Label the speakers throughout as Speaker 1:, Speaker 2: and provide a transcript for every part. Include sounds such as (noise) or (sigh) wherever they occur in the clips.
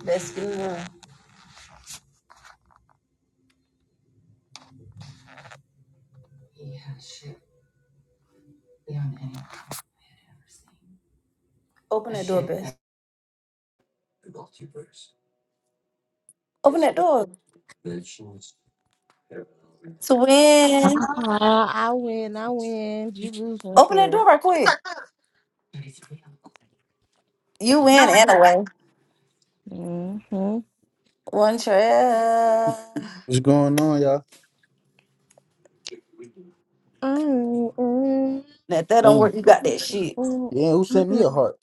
Speaker 1: That's good. Open that door, Beth. Open that door to
Speaker 2: Uh,
Speaker 1: win.
Speaker 2: I win, I win. You lose and
Speaker 1: Open that
Speaker 2: true.
Speaker 1: door right quick. You win anyway.
Speaker 2: Mm-hmm.
Speaker 1: One trail.
Speaker 3: What's going on, y'all?
Speaker 1: Now, if that don't
Speaker 3: Thanks.
Speaker 1: work, you got that shit.
Speaker 3: Yeah, who sent me a heart?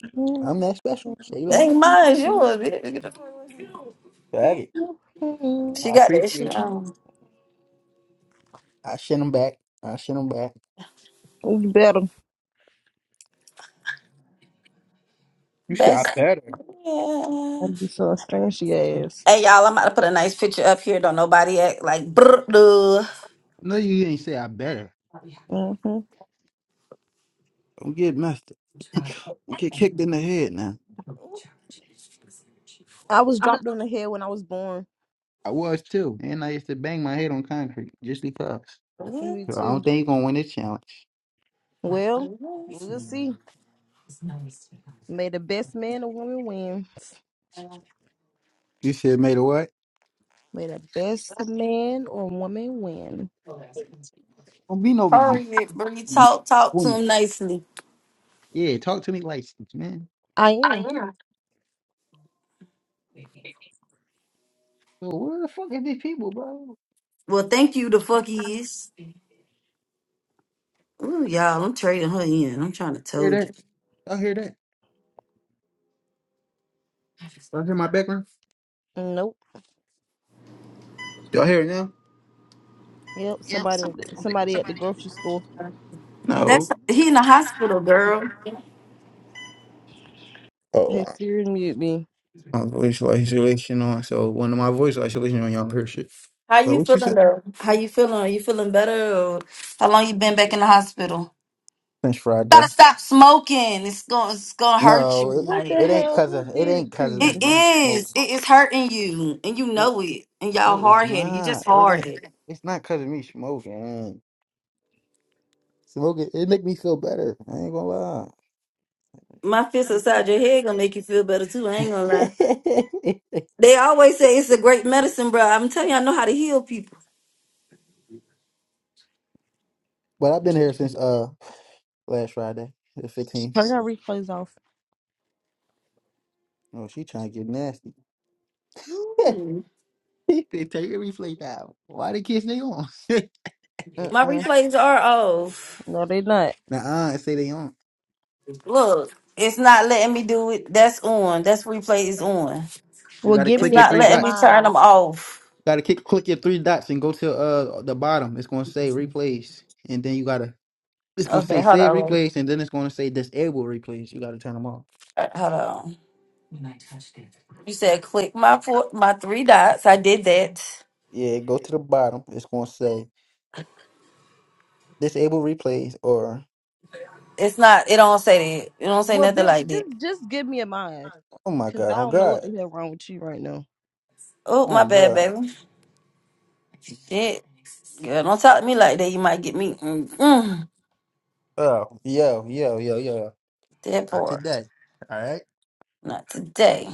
Speaker 3: I'm that special. Say
Speaker 1: It
Speaker 3: that.
Speaker 1: ain't mine, it's yours. bitch. Get the fuck away.
Speaker 3: Bag it.
Speaker 1: She
Speaker 3: I
Speaker 1: got that
Speaker 3: appreciate
Speaker 1: shit
Speaker 3: it.
Speaker 1: on.
Speaker 3: I sent them back. I sent them back.
Speaker 2: You better.
Speaker 3: You said I
Speaker 1: Best.
Speaker 3: better.
Speaker 1: Yeah.
Speaker 2: I'd be so strange, ass.
Speaker 1: Hey, y'all, I'm about to put a nice picture up here. Don't nobody act like brr. duh.
Speaker 3: No, you ain't say I better.
Speaker 2: Mm-hmm.
Speaker 3: Don't get messed up. You get kicked in the head now.
Speaker 2: I was dropped on the head when I was born.
Speaker 3: I was too. And I used to bang my head on concrete just because.
Speaker 2: Me
Speaker 3: So I don't
Speaker 2: too.
Speaker 3: think you're going to win this challenge.
Speaker 2: Well, we'll see. May the best man or woman win.
Speaker 3: You said made a what?
Speaker 2: May the best man or woman win.
Speaker 3: Don't be no m-
Speaker 1: Hurry, Bree.
Speaker 3: m-
Speaker 1: Talk, talk to
Speaker 3: woman.
Speaker 1: him nicely.
Speaker 3: Yeah, talk to me like this, man.
Speaker 2: I am.
Speaker 3: Yo, where the fuck are these people, bro?
Speaker 1: Well, thank you, the fuck is. Ooh, y'all, I'm trading her in. I'm trying to tell
Speaker 3: Hear that?
Speaker 1: you.
Speaker 3: Y'all hear that? Y'all hear my background?
Speaker 2: Nope.
Speaker 3: Y'all hear it now?
Speaker 2: Yep, somebody somebody at the grocery store
Speaker 1: That's
Speaker 3: No.
Speaker 1: he in the hospital, girl.
Speaker 3: Oh,
Speaker 2: had Siri mute me.
Speaker 3: My voice isolation on. So one of my voice isolation on y'all hear shit.
Speaker 1: How
Speaker 3: But
Speaker 1: you
Speaker 3: what you
Speaker 1: feeling,
Speaker 3: said?
Speaker 1: girl? How you feeling? Are you feeling better? Or how long you been back in the hospital?
Speaker 3: Since
Speaker 1: Gotta
Speaker 3: Friday.
Speaker 1: stop smoking. It's gonna it's gonna hurt you.
Speaker 3: No,
Speaker 2: What
Speaker 3: it,
Speaker 1: Like
Speaker 2: the
Speaker 3: it ain't
Speaker 2: hell?
Speaker 3: cause of
Speaker 2: Who
Speaker 3: it
Speaker 2: did
Speaker 3: ain't
Speaker 2: it to
Speaker 3: cause of
Speaker 1: it
Speaker 2: you?
Speaker 3: me
Speaker 1: is.
Speaker 3: smoking.
Speaker 1: It is hurting you, and you
Speaker 3: No,
Speaker 1: know it. And y'all
Speaker 3: no, it's
Speaker 1: hard headed. You just
Speaker 3: not. It
Speaker 1: hard
Speaker 3: ain't.
Speaker 1: headed.
Speaker 3: It's not cause of me smoking. Smoking it make me feel better. I ain't gonna lie.
Speaker 1: My fist inside your head gonna make you feel better too. I ain't gonna lie.
Speaker 3: (laughs)
Speaker 1: They always say it's a great medicine, bro. I'm telling you, I know how to heal people.
Speaker 3: but I've been here since uh last Friday, the fifteenth.
Speaker 2: Turn your replays off.
Speaker 3: Oh, she trying to get nasty. (laughs)
Speaker 1: Ooh.
Speaker 3: they take a replay down. Why the kids they on? (laughs)
Speaker 1: My
Speaker 2: Uh-uh.
Speaker 1: replays are off.
Speaker 2: No, they not.
Speaker 3: Nah, I say they on.
Speaker 1: Look, it's not letting me do it. That's on. That's replay is on.
Speaker 3: You
Speaker 2: Well,
Speaker 3: gotta
Speaker 2: give
Speaker 1: It's
Speaker 3: click
Speaker 2: me a
Speaker 3: your
Speaker 1: not
Speaker 3: three
Speaker 2: damn
Speaker 1: letting me
Speaker 3: dots.
Speaker 1: turn
Speaker 2: mod.
Speaker 1: them off.
Speaker 3: You gotta click click your three dots and go to uh the bottom. It's gonna say replays, and then you gotta. It's gonna say
Speaker 1: Okay, hold
Speaker 3: save
Speaker 1: on.
Speaker 3: replays, and then it's gonna say disable replays. You gotta turn them off.
Speaker 1: Uh, Hold on. You said click my four, my three dots. I did that.
Speaker 3: Yeah, go to the bottom. It's gonna say disable replays or
Speaker 1: It's not. It don't say that. It don't say
Speaker 2: Well,
Speaker 1: nothing
Speaker 2: bitch,
Speaker 1: like that.
Speaker 2: just just give me a mod,
Speaker 3: oh my
Speaker 2: cause
Speaker 3: god,
Speaker 2: I
Speaker 3: oh
Speaker 2: don't know
Speaker 3: god,
Speaker 2: what the hell wrong with you right now.
Speaker 1: Oh, my
Speaker 3: oh
Speaker 1: bad,
Speaker 3: god,
Speaker 1: baby. Shit, girl, don't talk to me like that. You might get me. Mm-mm.
Speaker 3: oh yo yo yo yo.
Speaker 1: That
Speaker 3: Not
Speaker 1: part.
Speaker 3: today. All right.
Speaker 1: Not today.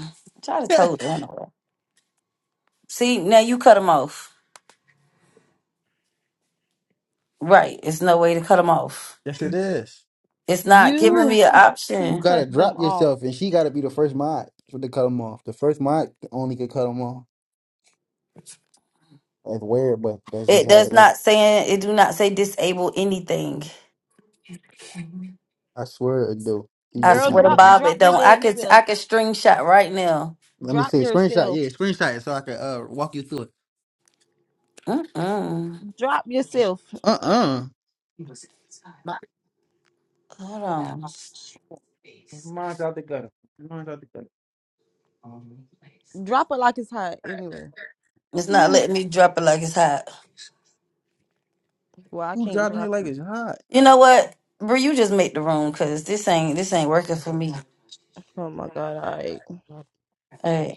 Speaker 1: Try to
Speaker 3: (laughs)
Speaker 1: told
Speaker 3: yes,
Speaker 1: her anyway. See, now you cut them off. Right. It's no way to cut them off.
Speaker 3: it is.
Speaker 1: It's not giving
Speaker 2: You
Speaker 1: me an
Speaker 2: have to
Speaker 3: You
Speaker 1: option.
Speaker 3: gotta
Speaker 2: cut
Speaker 3: drop
Speaker 2: them off,
Speaker 3: yourself, and she gotta be the first mod to cut them off. The first mod only could cut them off. It's weird, but that's just
Speaker 1: It
Speaker 3: how
Speaker 1: does
Speaker 3: it is.
Speaker 1: not say it do not say disable anything.
Speaker 3: I swear it do. You
Speaker 1: I
Speaker 3: just
Speaker 2: girl.
Speaker 1: swear
Speaker 3: not
Speaker 1: to
Speaker 2: Drop
Speaker 3: looking.
Speaker 1: Bob,
Speaker 2: drop
Speaker 1: it
Speaker 2: your
Speaker 1: don't. I
Speaker 2: damn
Speaker 1: could
Speaker 2: self.
Speaker 1: I could string shot right now.
Speaker 3: Let me
Speaker 2: Drop
Speaker 3: see a screenshot.
Speaker 2: yourself.
Speaker 3: Yeah, screenshot it so I can uh walk you through it.
Speaker 1: Mm-mm.
Speaker 2: Drop yourself.
Speaker 3: Uh uh
Speaker 1: Hold on,
Speaker 3: Mine's out the gutter. Mine's out the gutter.
Speaker 2: Drop it like it's hot. Anyway.
Speaker 1: it's not letting me drop it like it's hot.
Speaker 2: Well, I
Speaker 3: Who
Speaker 2: can't
Speaker 3: driving it
Speaker 2: drop.
Speaker 3: like it's hot?
Speaker 1: You know what, bro? You just make the room because this ain't this ain't working for me.
Speaker 2: Oh my god. All right.
Speaker 1: Hey.